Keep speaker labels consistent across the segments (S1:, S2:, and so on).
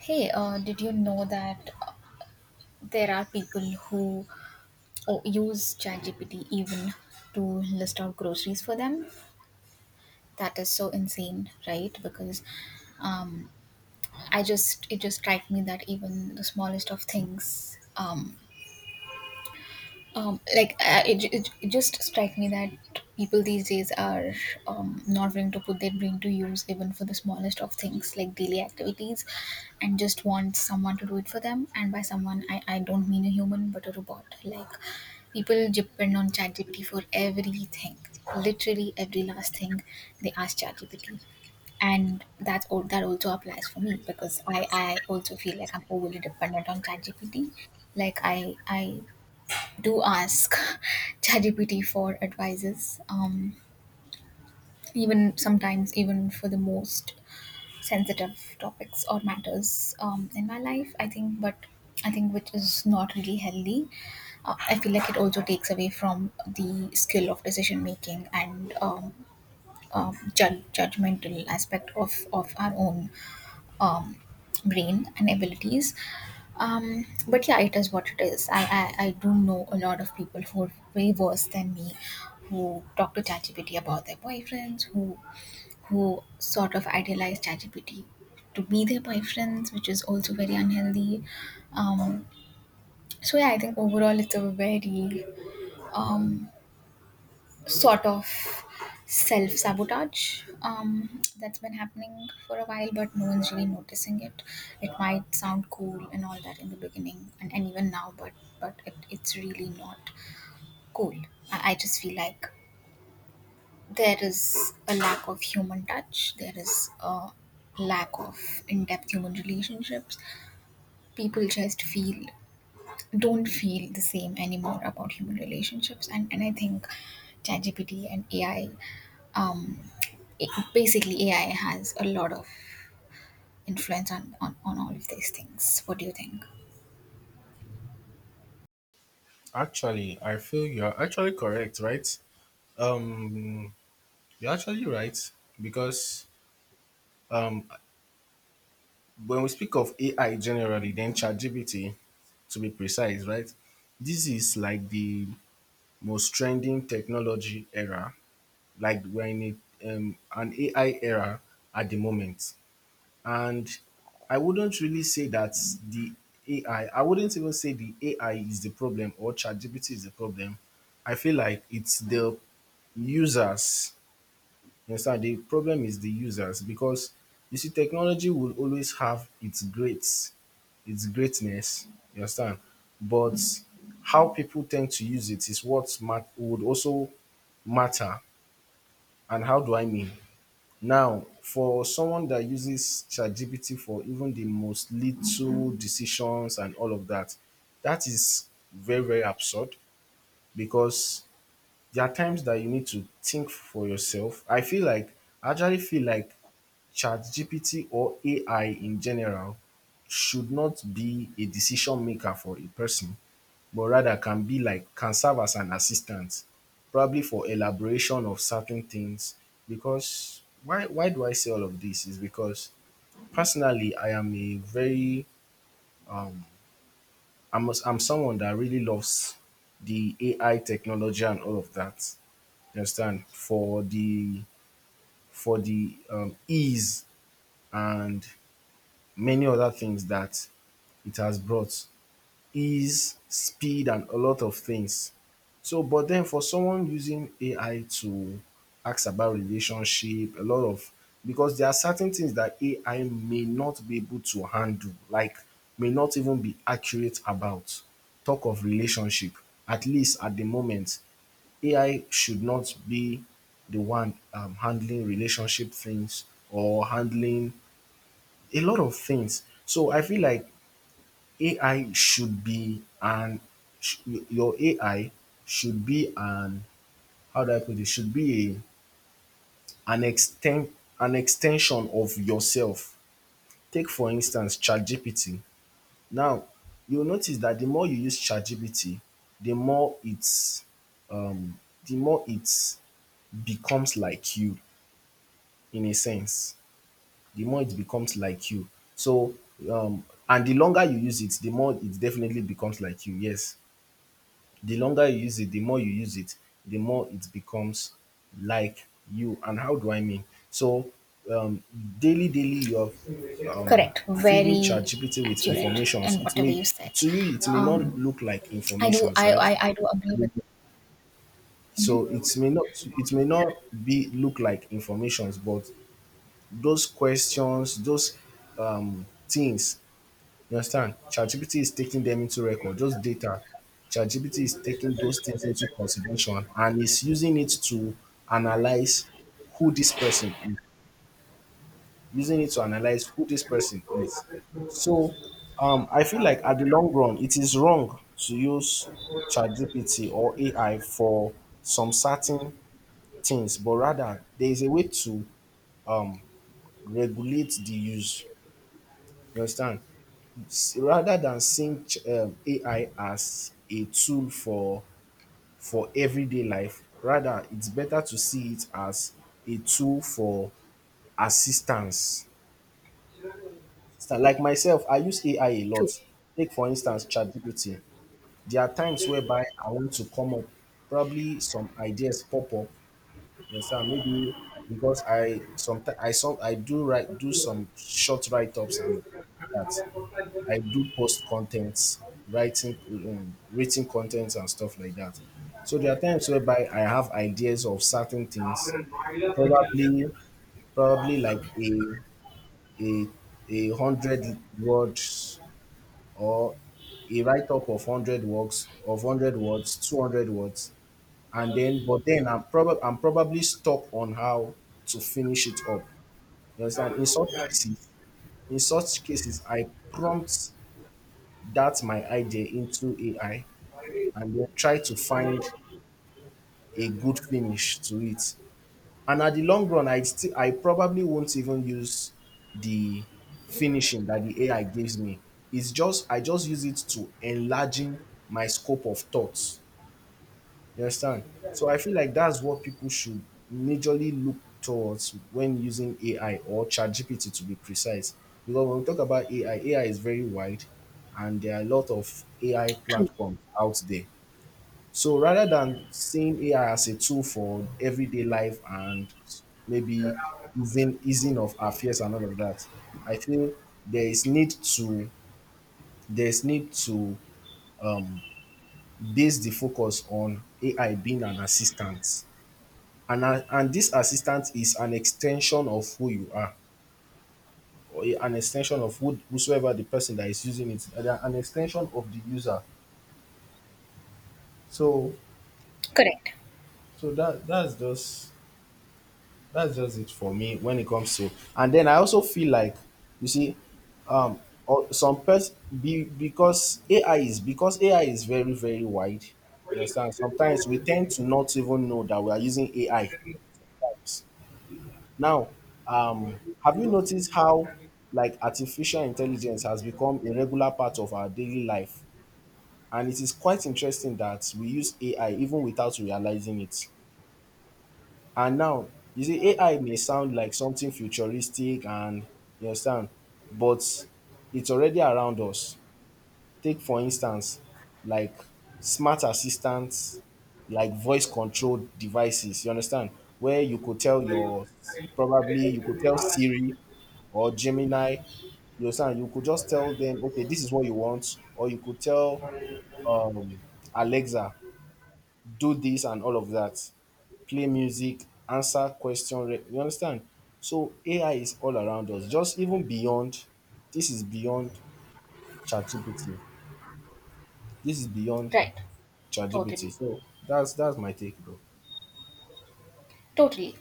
S1: Hey, did you know that there are people who oh, use ChatGPT even to list out groceries for them? That is so insane, right? Because um, I just it just strikes me that even the smallest of things like I it, it just strikes me that people these days are not willing to put their brain to use even for the smallest of things like daily activities, and just want someone to do it for them. And by someone I don't mean a human but a robot. Like people depend on ChatGPT for everything, literally every last thing they ask ChatGPT. And that's all that also applies for me because I also feel like I'm overly dependent on ChatGPT. Like I do ask ChatGPT for advices, even sometimes even for the most sensitive topics or matters in my life, I think. But I think which is not really healthy. I feel like it also takes away from the skill of decision making and judgmental aspect of our own um, brain and abilities. But yeah, it is what it is. I do know a lot of people who are way worse than me, who talk to ChatGPT about their boyfriends, who sort of idealize ChatGPT to be their boyfriends, which is also very unhealthy. Um, so yeah, I think overall it's a very um, sort of self sabotage that's been happening for a while, but no one's really noticing it. It might sound cool and all that in the beginning, and even now, but it's really not cool. I just feel like there is a lack of human touch. There is a lack of in depth human relationships. People just feel don't feel the same anymore about human relationships. And I think ChatGPT and AI, um, basically AI has a lot of influence on, on all of these things. What do you think?
S2: Actually, I feel you're actually correct, right? Um, you're actually right because um, when we speak of AI generally, then ChatGPT, to be precise, right? This is like the most trending technology era. Like we're in an AI era at the moment. And I wouldn't really say that the AI, I wouldn't even say the AI is the problem or ChatGPT is the problem. I feel like it's the users. You understand? The problem is the users because you see, technology will always have its greatness. You understand? But how people tend to use it is what would also matter. And how do I mean? Now, for someone that uses ChatGPT for even the most little decisions and all of that, that is very, very absurd because there are times that you need to think for yourself. I actually feel like ChatGPT or AI in general should not be a decision maker for a person, but rather can be like can serve as an assistant, probably for elaboration of certain things. Because why do I say all of this? Is because personally I'm someone that really loves the AI technology and all of that. You understand? For the ease and many other things that it has brought ease, speed, and a lot of things. So, but then for someone using AI to ask about relationship, a lot of because there are certain things that AI may not be able to handle, like may not even be accurate about. Talk of relationship, at least at the moment, AI should not be the one handling relationship things or handling a lot of things. So I feel like AI should be an sh- your AI should be an how do I put it should be a an extent an extension of yourself. Take for instance ChatGPT. Now you'll notice that the more you use ChatGPT, the more it's um the more it becomes like you in a sense. The more it becomes like you. So and the longer you use it, the more it definitely becomes like you. Yes. The longer you use it, the more you use it, the more it becomes like you. And how do I mean? So um, daily you're
S1: Correct,
S2: feeding
S1: very
S2: ChatGPT with
S1: accurate in
S2: informations it
S1: whatever
S2: may
S1: you said.
S2: to you it may not
S1: um,
S2: look like informations,
S1: I,
S2: right?
S1: I do agree with.
S2: So
S1: Mhm.
S2: it may not be look like informations, but those questions, those things, you understand? ChatGPT is taking them into record, just data. ChatGPT is taking those things into consideration and is using it to analyze who this person is, using it to analyze who this person is. So I feel like at the long run, it is wrong to use ChatGPT or AI for some certain things, but rather there is a way to um, regulate the use. You understand? Rather than seeing AI as a tool for everyday life, rather it's better to see it as a tool for assistance. So like myself, I use AI a lot.
S1: True.
S2: Take for instance ChatGPT. There are times whereby I want to come up, probably some ideas pop up. Yes, sir. Maybe because I do some short write ups and that. I do post contents, writing, written contents and stuff like that. So there are times whereby I have ideas of certain things, probably, probably like a a hundred words or a write up of 100 words, 200 words, and then but then I'm probably stuck on how to finish it up. You understand? In such cases, I prompt that my idea into AI and then try to find a good finish to it. And at the long run, I probably won't even use the finishing that the AI gives me. It's just I just use it to enlarging my scope of thoughts. You understand? So I feel like that's what people should majorly look towards when using AI or ChatGPT to be precise. Because when we talk about AI, AI is very wide, and there are a lot of AI
S1: True.
S2: platforms out there. So rather than seeing AI as a tool for everyday life and maybe easing of our fears and all of that, I feel there is need to there's need to base the focus on AI being an assistant. And and this assistant is an extension of who you are, or an extension of whosoever the person that is using it, they are an extension of the user. So
S1: Correct.
S2: so that's just it for me when it comes to. And then I also feel like you see um or some person be because AI is very, very wide, you understand? Sometimes we tend to not even know that we are using AI sometimes. Now have you noticed how like artificial intelligence has become a regular part of our daily life, and it is quite interesting that we use AI even without realizing it. And now, you see, AI may sound like something futuristic and you understand, but it's already around us. Take, for instance, like smart assistants, like voice controlled devices, you understand, where you could tell your, probably you could tell Siri or Gemini, you understand, you could just tell them, okay, this is what you want, or you could tell um, Alexa, do this and all of that, play music, answer question. You understand? So AI is all around us. Just even beyond, this is beyond ChatGPT. This is beyond
S1: Right. Totally.
S2: ChatGPT. So that's my take, bro.
S1: Totally,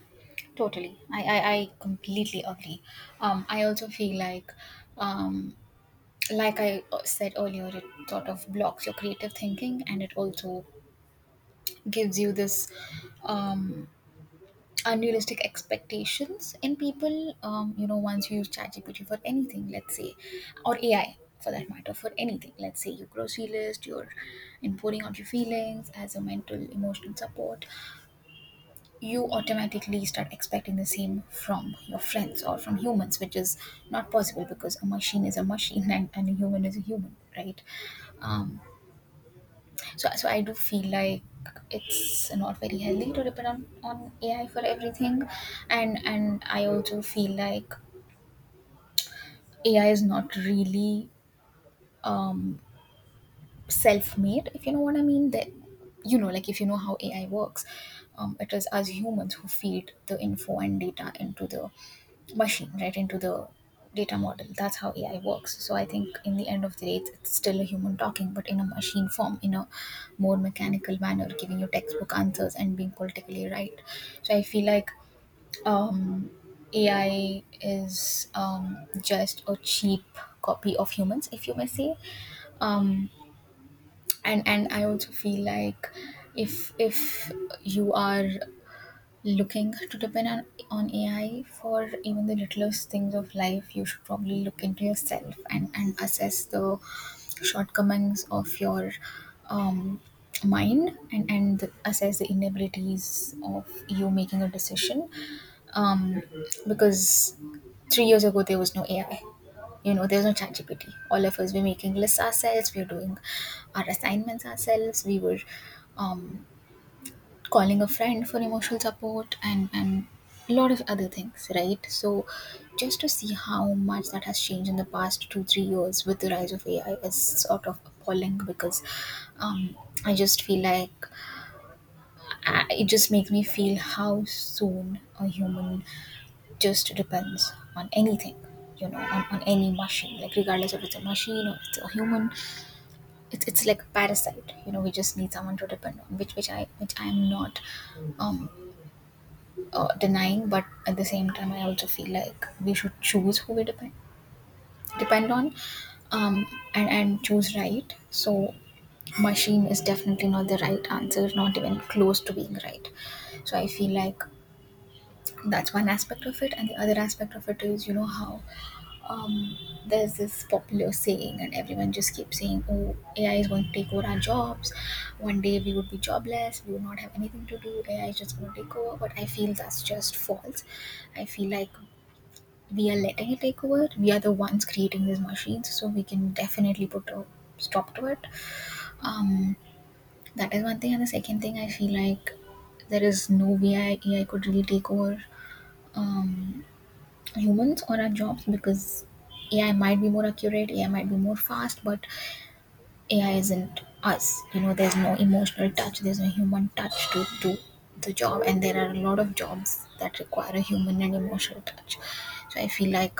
S1: totally. I completely agree. I also feel um, like I said earlier, it sort of blocks your creative thinking, and it also gives you this um, unrealistic expectations in people. You know, once you use ChatGPT for anything, let's say, or AI for that matter, for anything, let's say your grocery list, you're importing out your feelings as a mental, emotional support. You automatically start expecting the same from your friends or from humans, which is not possible because a machine is a machine and a human is a human, right? Um, so I do feel like it's not very healthy to depend on AI for everything, and I also feel like AI is not really um, self-made, if you know what I mean. That you know, like, if you know how AI works, it is us humans who feed the info and data into the machine, right, into the data model. That's how AI works. So I think in the end of the day, it's still a human talking, but in a machine form, in a more mechanical manner, giving you textbook answers and being politically right. So I feel like um, AI is just a cheap copy of humans, if you may say. Um, and and I also feel like if you are looking to depend on AI for even the littlest things of life, you should probably look into yourself and assess the shortcomings of your um mind, and assess the inabilities of you making a decision, um, because 3 years ago there was no AI. You know, there's no ChatGPT. All of us were making lists ourselves. We were doing our assignments ourselves. We were um, calling a friend for emotional support, and a lot of other things, right? So, just to see how much that has changed in the past two three years with the rise of AI is sort of appalling because um, I just feel like it just makes me feel how soon a human just depends on anything, you know, on any machine. Like regardless if it's a machine or it's a human, it's like a parasite. You know, we just need someone to depend on, which which I am not um denying, but at the same time I also feel like we should choose who we depend on, um and choose right. So machine is definitely not the right answer, not even close to being right. So I feel like that's one aspect of it. And the other aspect of it is you know how um, there's this popular saying and everyone just keeps saying, oh, AI is going to take over our jobs, one day we would be jobless, we would not have anything to do, AI is just going to take over. But I feel that's just false. I feel like we are letting it take over, we are the ones creating these machines, so we can definitely put a stop to it. um, that is one thing. And the second thing I feel like, there is no way AI could really take over um, humans or our jobs, because AI might be more accurate, AI might be more fast, but AI isn't us. You know, there's no emotional touch, there's no human touch to do the job, and there are a lot of jobs that require a human and emotional touch. So I feel like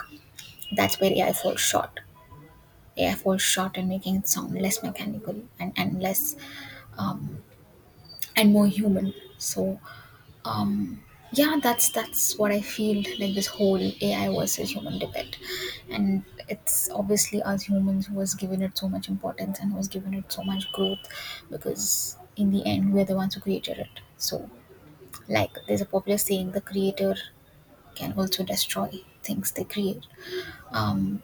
S1: that's where AI falls short. AI falls short in making it sound less mechanical, and less um, and more human. So um yeah, that's what I feel like this whole AI versus human debate. And it's obviously us humans who was given it so much importance and who was given it so much growth, because in the end we're the ones who created it. So like there's a popular saying, the creator can also destroy things they create. um,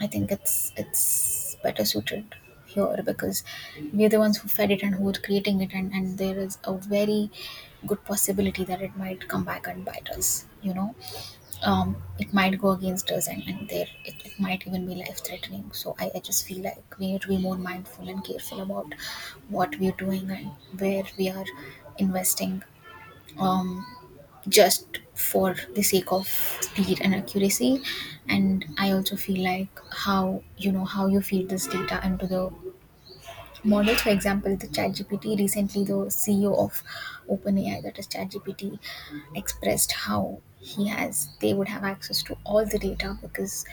S1: I think it's better suited here because we're the ones who fed it and who are creating it, and there is a very good possibility that it might come back and bite us. You know, it might go against us, and there it might even be life threatening. So I just feel like we need to be more mindful and careful about what we're doing and where we are investing. Um, just for the sake of speed and accuracy. And I also feel like how, you know, how you feed this data into the models. For example, the ChatGPT, recently the CEO of OpenAI, that is ChatGPT, expressed how he has, they would have access to all the data, because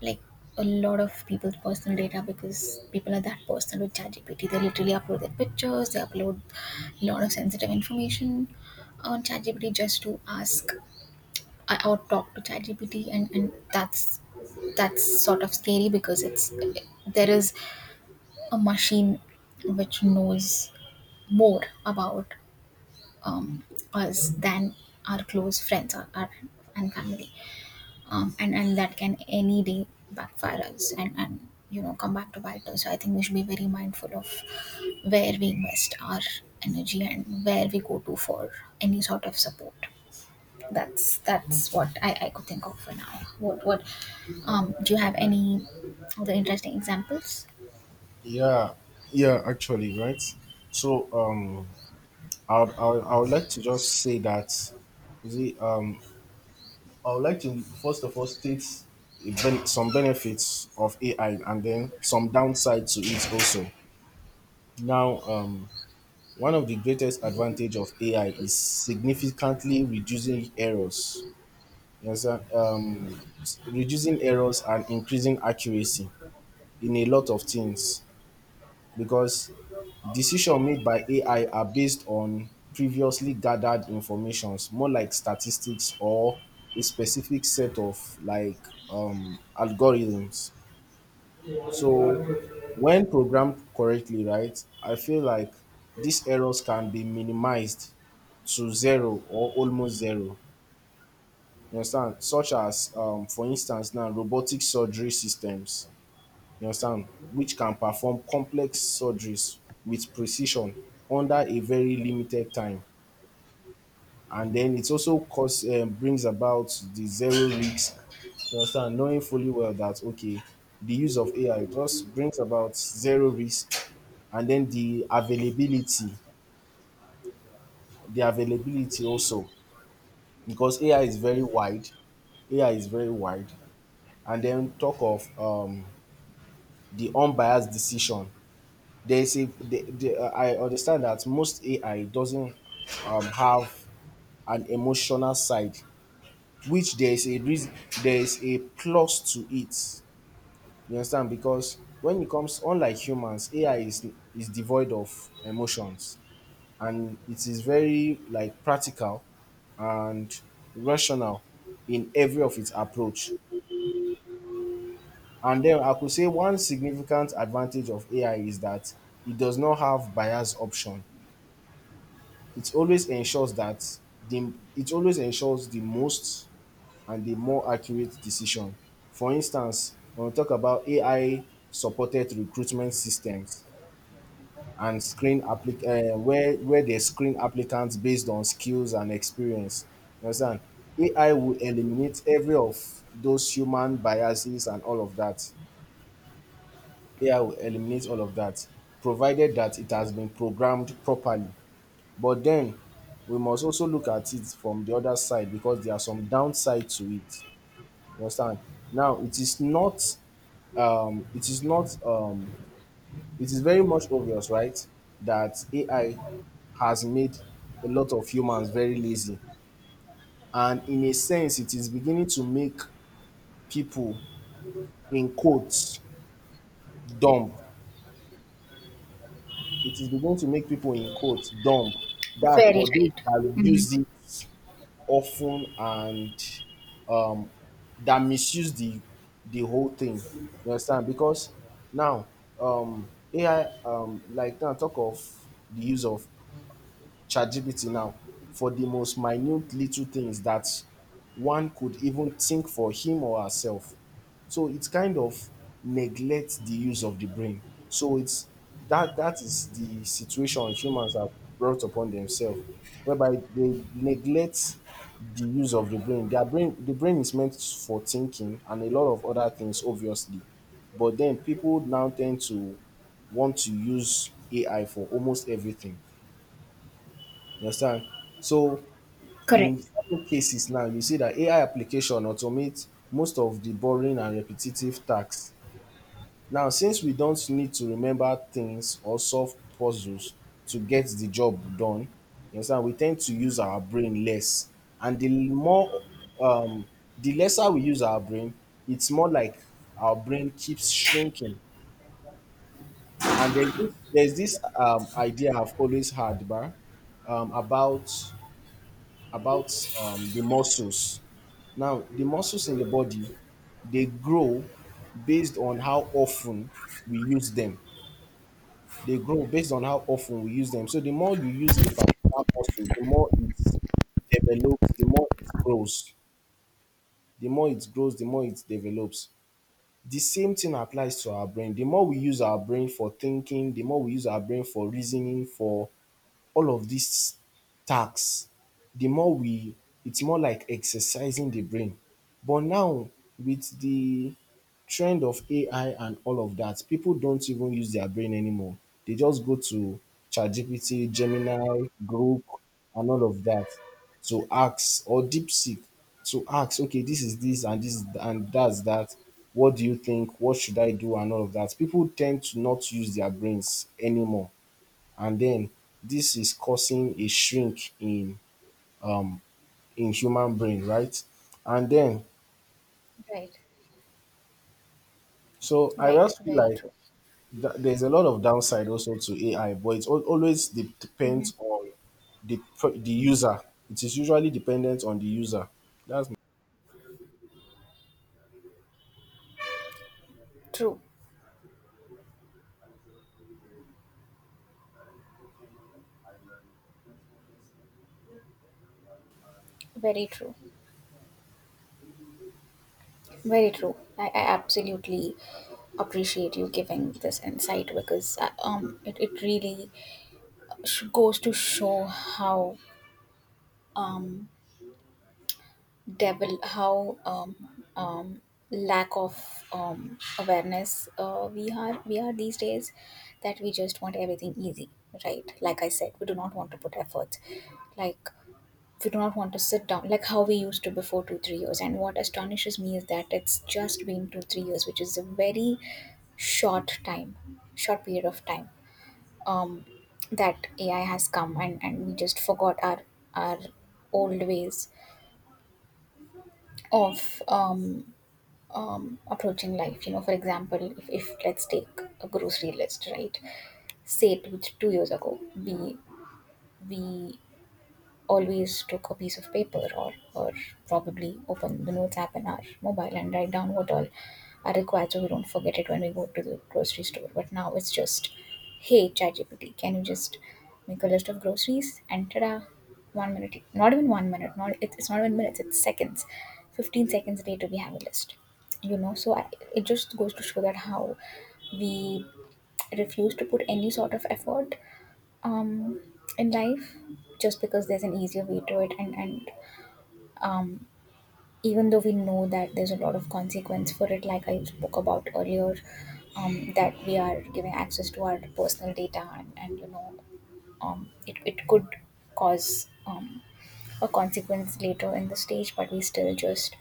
S1: like a lot of people's personal data, because people are that personal with ChatGPT. They literally upload their pictures, they upload a lot of sensitive information on ChatGPT just to ask or talk to ChatGPT, and that's sort of scary, because it's, there is a machine which knows more about um, us than our close friends and family, and that can any day backfire us, and you know come back to bite us. So I think we should be very mindful of where we invest our energy and where we go to for any sort of support. That's what I could think of for now. What do you have any other interesting examples?
S2: Yeah, yeah, actually, right. So I would like to just say that is it I would like to first of all state some benefits of AI and then some downsides to it also. Now one of the greatest advantage of AI is significantly reducing errors. You understand? Reducing errors and increasing accuracy in a lot of things because decision made by AI are based on previously gathered informations, more like statistics or a specific set of like algorithms. So when programmed correctly, right, I feel like these errors can be minimized to zero or almost zero. You understand? Such as, for instance, now robotic surgery systems, you understand, which can perform complex surgeries with precision under a very limited time. And then it also cause brings about the zero risk, you understand, knowing fully well that okay, the use of AI just brings about zero risk. And then the availability also, because AI is very wide, AI is very wide. And then talk of the unbiased decision, there is a I understand that most AI doesn't have an emotional side, which there is a reason, there is a plus to it, you understand, because when it comes unlike humans, AI is devoid of emotions, and it is very like practical and rational in every of its approach. And then I could say one significant advantage of AI is that it does not have bias option. It always ensures that the it always ensures the most and the more accurate decision. For instance, when we talk about AI supported recruitment systems and where they screen applicants based on skills and experience. You understand? AI will eliminate every of those human biases and all of that. AI will eliminate all of that, provided that it has been programmed properly. But then we must also look at it from the other side because there are some downside to it. You understand? Now it is not it is very much obvious, right, that AI has made a lot of humans very lazy. And in a sense, it is beginning to make people in quotes dumb. It is beginning to make people in quotes dumb. That
S1: Very
S2: for those
S1: right.
S2: that
S1: Hmm.
S2: use it of ten and um that misuse the whole thing. You understand? Because now AI um like now talk of the use of ChatGPT now for the most minute little things that one could even think for him or herself. So it kind of neglects the use of the brain. So it's that is the situation humans have brought upon themselves, whereby they neglect the use of the brain. The brain is meant for thinking and a lot of other things, obviously. But then people now tend to want to use AI for almost everything. You understand? So
S1: Correct.
S2: in certain cases now, you see that AI application automate most of the boring and repetitive tasks. Now, since we don't need to remember things or solve puzzles to get the job done, you understand, we tend to use our brain less. And um the lesser we use our brain, it's more like our brain keeps shrinking. And there's this idea I've always had, bah, um, about about the muscles. Now, the muscles in the body, they grow based on how often we use them. They grow based on how often we use them. So the more you use a particular muscle, the more it develops, the more it grows. The more it grows, the more it develops. The same thing applies to our brain. The more we use our brain for thinking, the more we use our brain for reasoning, for all of these tasks, the more we, it's more like exercising the brain. But now, with the trend of AI and all of that, people don't even use their brain anymore. They just go to ChatGPT, Gemini, Grok, and all of that to ask, or DeepSeek to ask, okay, this is this and that's that. What do you think? What should I do? And all of that. People tend to not use their brains anymore and then this is causing a shrink um in human brain, right? And then
S1: Right.
S2: so I
S1: Right.
S2: just feel
S1: Very
S2: like
S1: true.
S2: there's a lot of downside also to AI, but it always depends on the user. It is usually dependent on the user. That's my-
S1: True. Very true. Very true. I absolutely appreciate you giving this insight, because it really goes to show how um devil how um, lack of awareness we are, we are these days, that we just want everything easy, right? Like I said, we do not want to put effort. Like, we do not want to sit down like how we used to before two three years. And what astonishes me is that it's just been two three years, which is a very short time, short period of time, um, that AI has come, and we just forgot our old ways of approaching life. You know, for example, if let's take a grocery list, right? Say 2 years ago, we always took a piece of paper, or probably open the notes app in our mobile and write down what all are required so we don't forget it when we go to the grocery store. But now it's just, hey, ChatGPT, can you just make a list of groceries? And ta-da, 1 minute, not even 1 minute, not it, it's not even minutes, it's seconds. 15 seconds later, we have a list. You know, so it just goes to show that how we refuse to put any sort of effort um in life, just because there's an easier way to it. And and um even though we know that there's a lot of consequence for it, like I spoke about earlier, that we are giving access to our personal data, and you know it could cause a consequence later in the stage, but we still just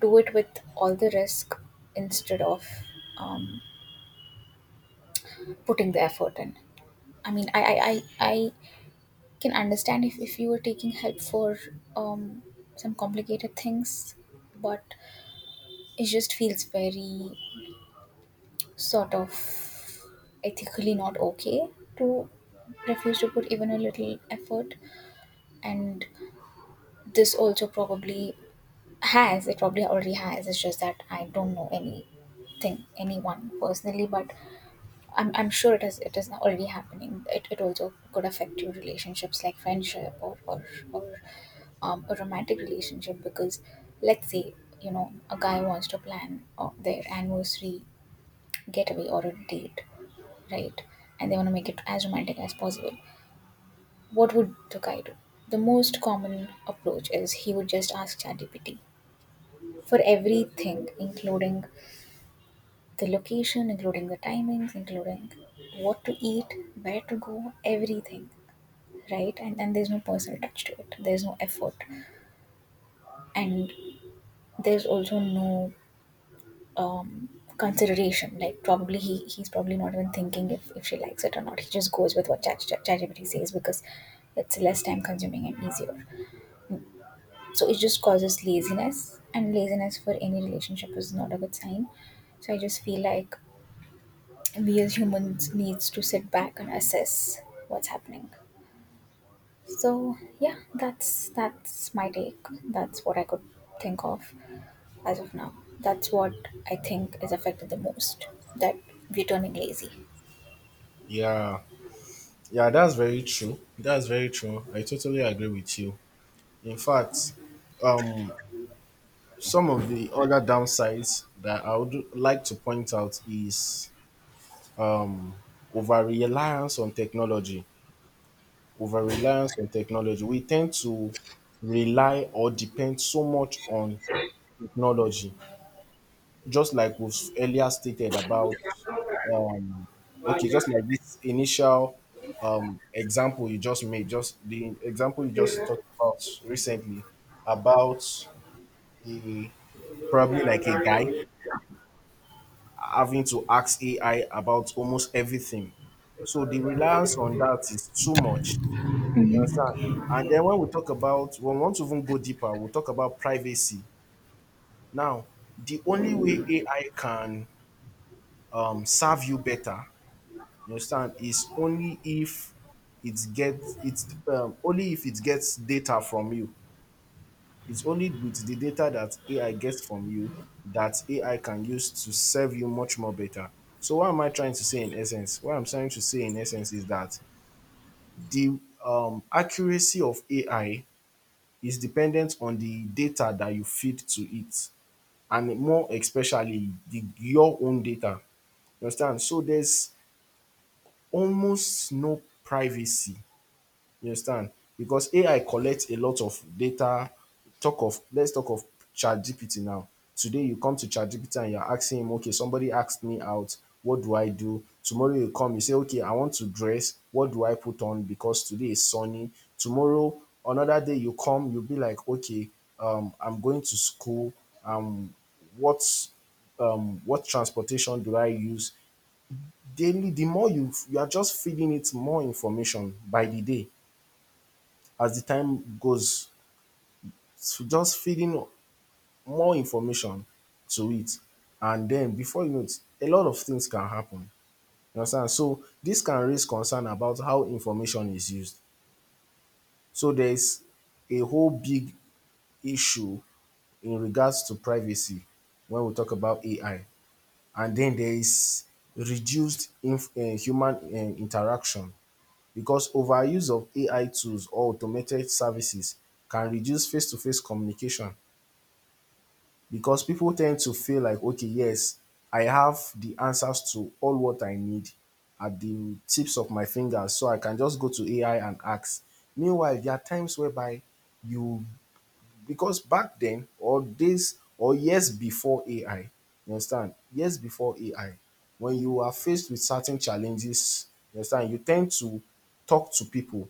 S1: do it with all the risk, instead of um putting the effort in. I mean, I can understand if you were taking help for um, some complicated things, but it just feels very sort of ethically not okay to refuse to put even a little effort. And this also probably has, it probably already has, it's just that I don't know anyone personally, but I'm sure it is already happening. It also could affect your relationships, like friendship, or a romantic relationship, because let's say you know a guy wants to plan their anniversary getaway or a date, right? And they want to make it as romantic as possible. What would the guy do? The most common approach is he would just ask ChatGPT for everything, including the location, including the timings, including what to eat, where to go, everything, right? And then there's no personal touch to it. There's no effort, and there's also no um, consideration. Like probably he's probably not even thinking if she likes it or not. He just goes with what ChatGPT says because it's less time consuming and easier. So it just causes laziness, and laziness for any relationship is not a good sign. So I just feel like we as humans needs to sit back and assess what's happening. So yeah, that's my take, that's what I could think of as of now, that's what I think is affected the most, that we're turning lazy.
S2: yeah, yeah. That's very true. That's very true. I totally agree with you. In fact, um, some of the other downsides that I would like to point out is um over reliance on technology. Over reliance on technology, we tend to rely or depend so much on technology, just like we've earlier stated about um okay, just like this initial example you just made just the example you just talked about recently about a probably like a guy having to ask ai about almost everything. So the reliance on that is too much. You understand? And then when we want to even go deeper, we'll talk about privacy. Now, the only way AI can serve you better, you understand, is only if it gets it's only if it gets data from you. It's only with the data that AI gets from you that AI can use to serve you much more better. So what am I trying to say in essence? What I'm trying to say in essence is that the accuracy of AI is dependent on the data that you feed to it, and more especially the your own data. You understand? So there's almost no privacy. You understand? Because AI collects a lot of data. Talk of let's talk of ChatGPT now. Today you come to ChatGPT and you're asking him, okay, somebody asked me out, what do I do? Tomorrow you come, you say, okay, I want to dress. What do I put on? Because today is sunny. Tomorrow, another day you come, you'll be like, okay, I'm going to school. Um, what what transportation do I use? Daily, the more you are just feeding it more information by the day as the time goes, just feeding more information to it. And then before you know it, a lot of things can happen. You understand? So this can raise concern about how information is used. So there's a whole big issue in regards to privacy when we talk about AI. And then there is reduced human interaction because overuse of AI tools or automated services can reduce face to face communication. Because people tend to feel like, okay, yes, I have the answers to all what I need at the tips of my fingers, so I can just go to AI and ask. Meanwhile, there are times whereby you Because back then or days or years before AI, you understand, years before AI, when you are faced with certain challenges, you understand, you tend to talk to people.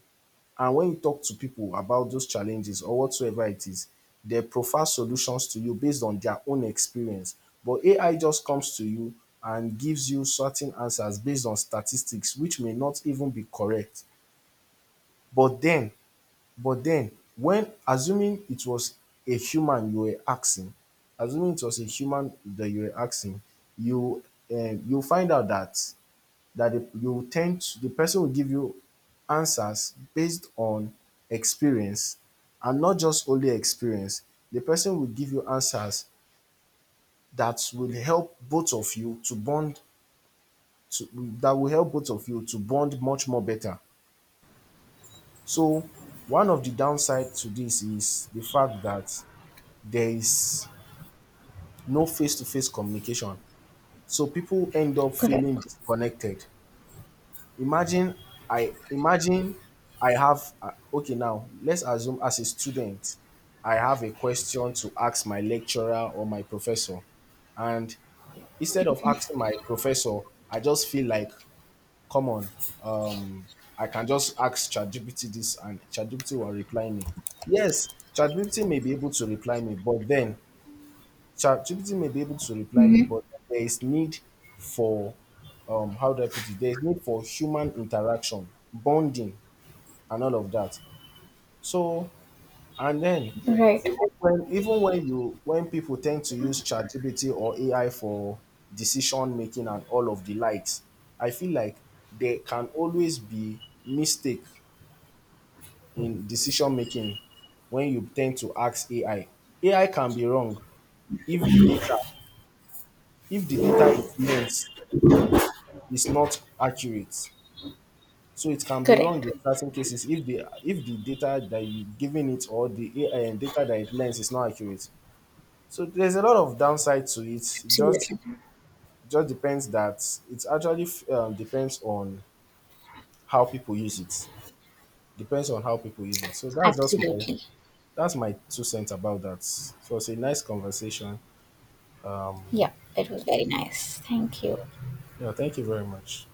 S2: And when you talk to people about those challenges or whatsoever it is, they profile solutions to you based on their own experience. But AI just comes to you and gives you certain answers based on statistics which may not even be correct. But then But then when assuming it was a human you were asking, assuming it was a human that you were asking, you you find out that the person will give you answers based on experience, and not just only experience. The person will give you answers that will help both of you to bond to, that will help both of you to bond much more better. So one of the downside to this is the fact that there is no face-to-face communication. So people end up feeling
S1: Correct.
S2: disconnected. Imagine imagine I have okay, now, let's assume as a student, I have a question to ask my lecturer or my professor. And instead of asking my professor, I just feel like, come on, um, I can just ask ChatGPT this and ChatGPT will reply me. Yes, ChatGPT may be able to reply me, but then ChatGPT may be able to reply me,
S1: Mhm.
S2: but there is need for how do I put it? There is need for human interaction, bonding, and all of that. So and then
S1: Right.
S2: even when people tend to use ChatGPT or AI for decision making and all of the likes, I feel like there can always be mistake in decision making when you tend to ask AI. AI can be wrong if the data if the data is lens, is not accurate. So it can be wrong
S1: Correct.
S2: in certain cases if the data that you giving it or the data that it learns is not accurate. So there's a lot of downside to it. It
S1: Absolutely.
S2: just depends that it actually depends on how people use it. Depends on how people use it. So
S1: Absolutely.
S2: that's my two cents about that. So it's a nice conversation. Um,
S1: Yeah, it was very nice, thank you.
S2: yeah, thank you very much.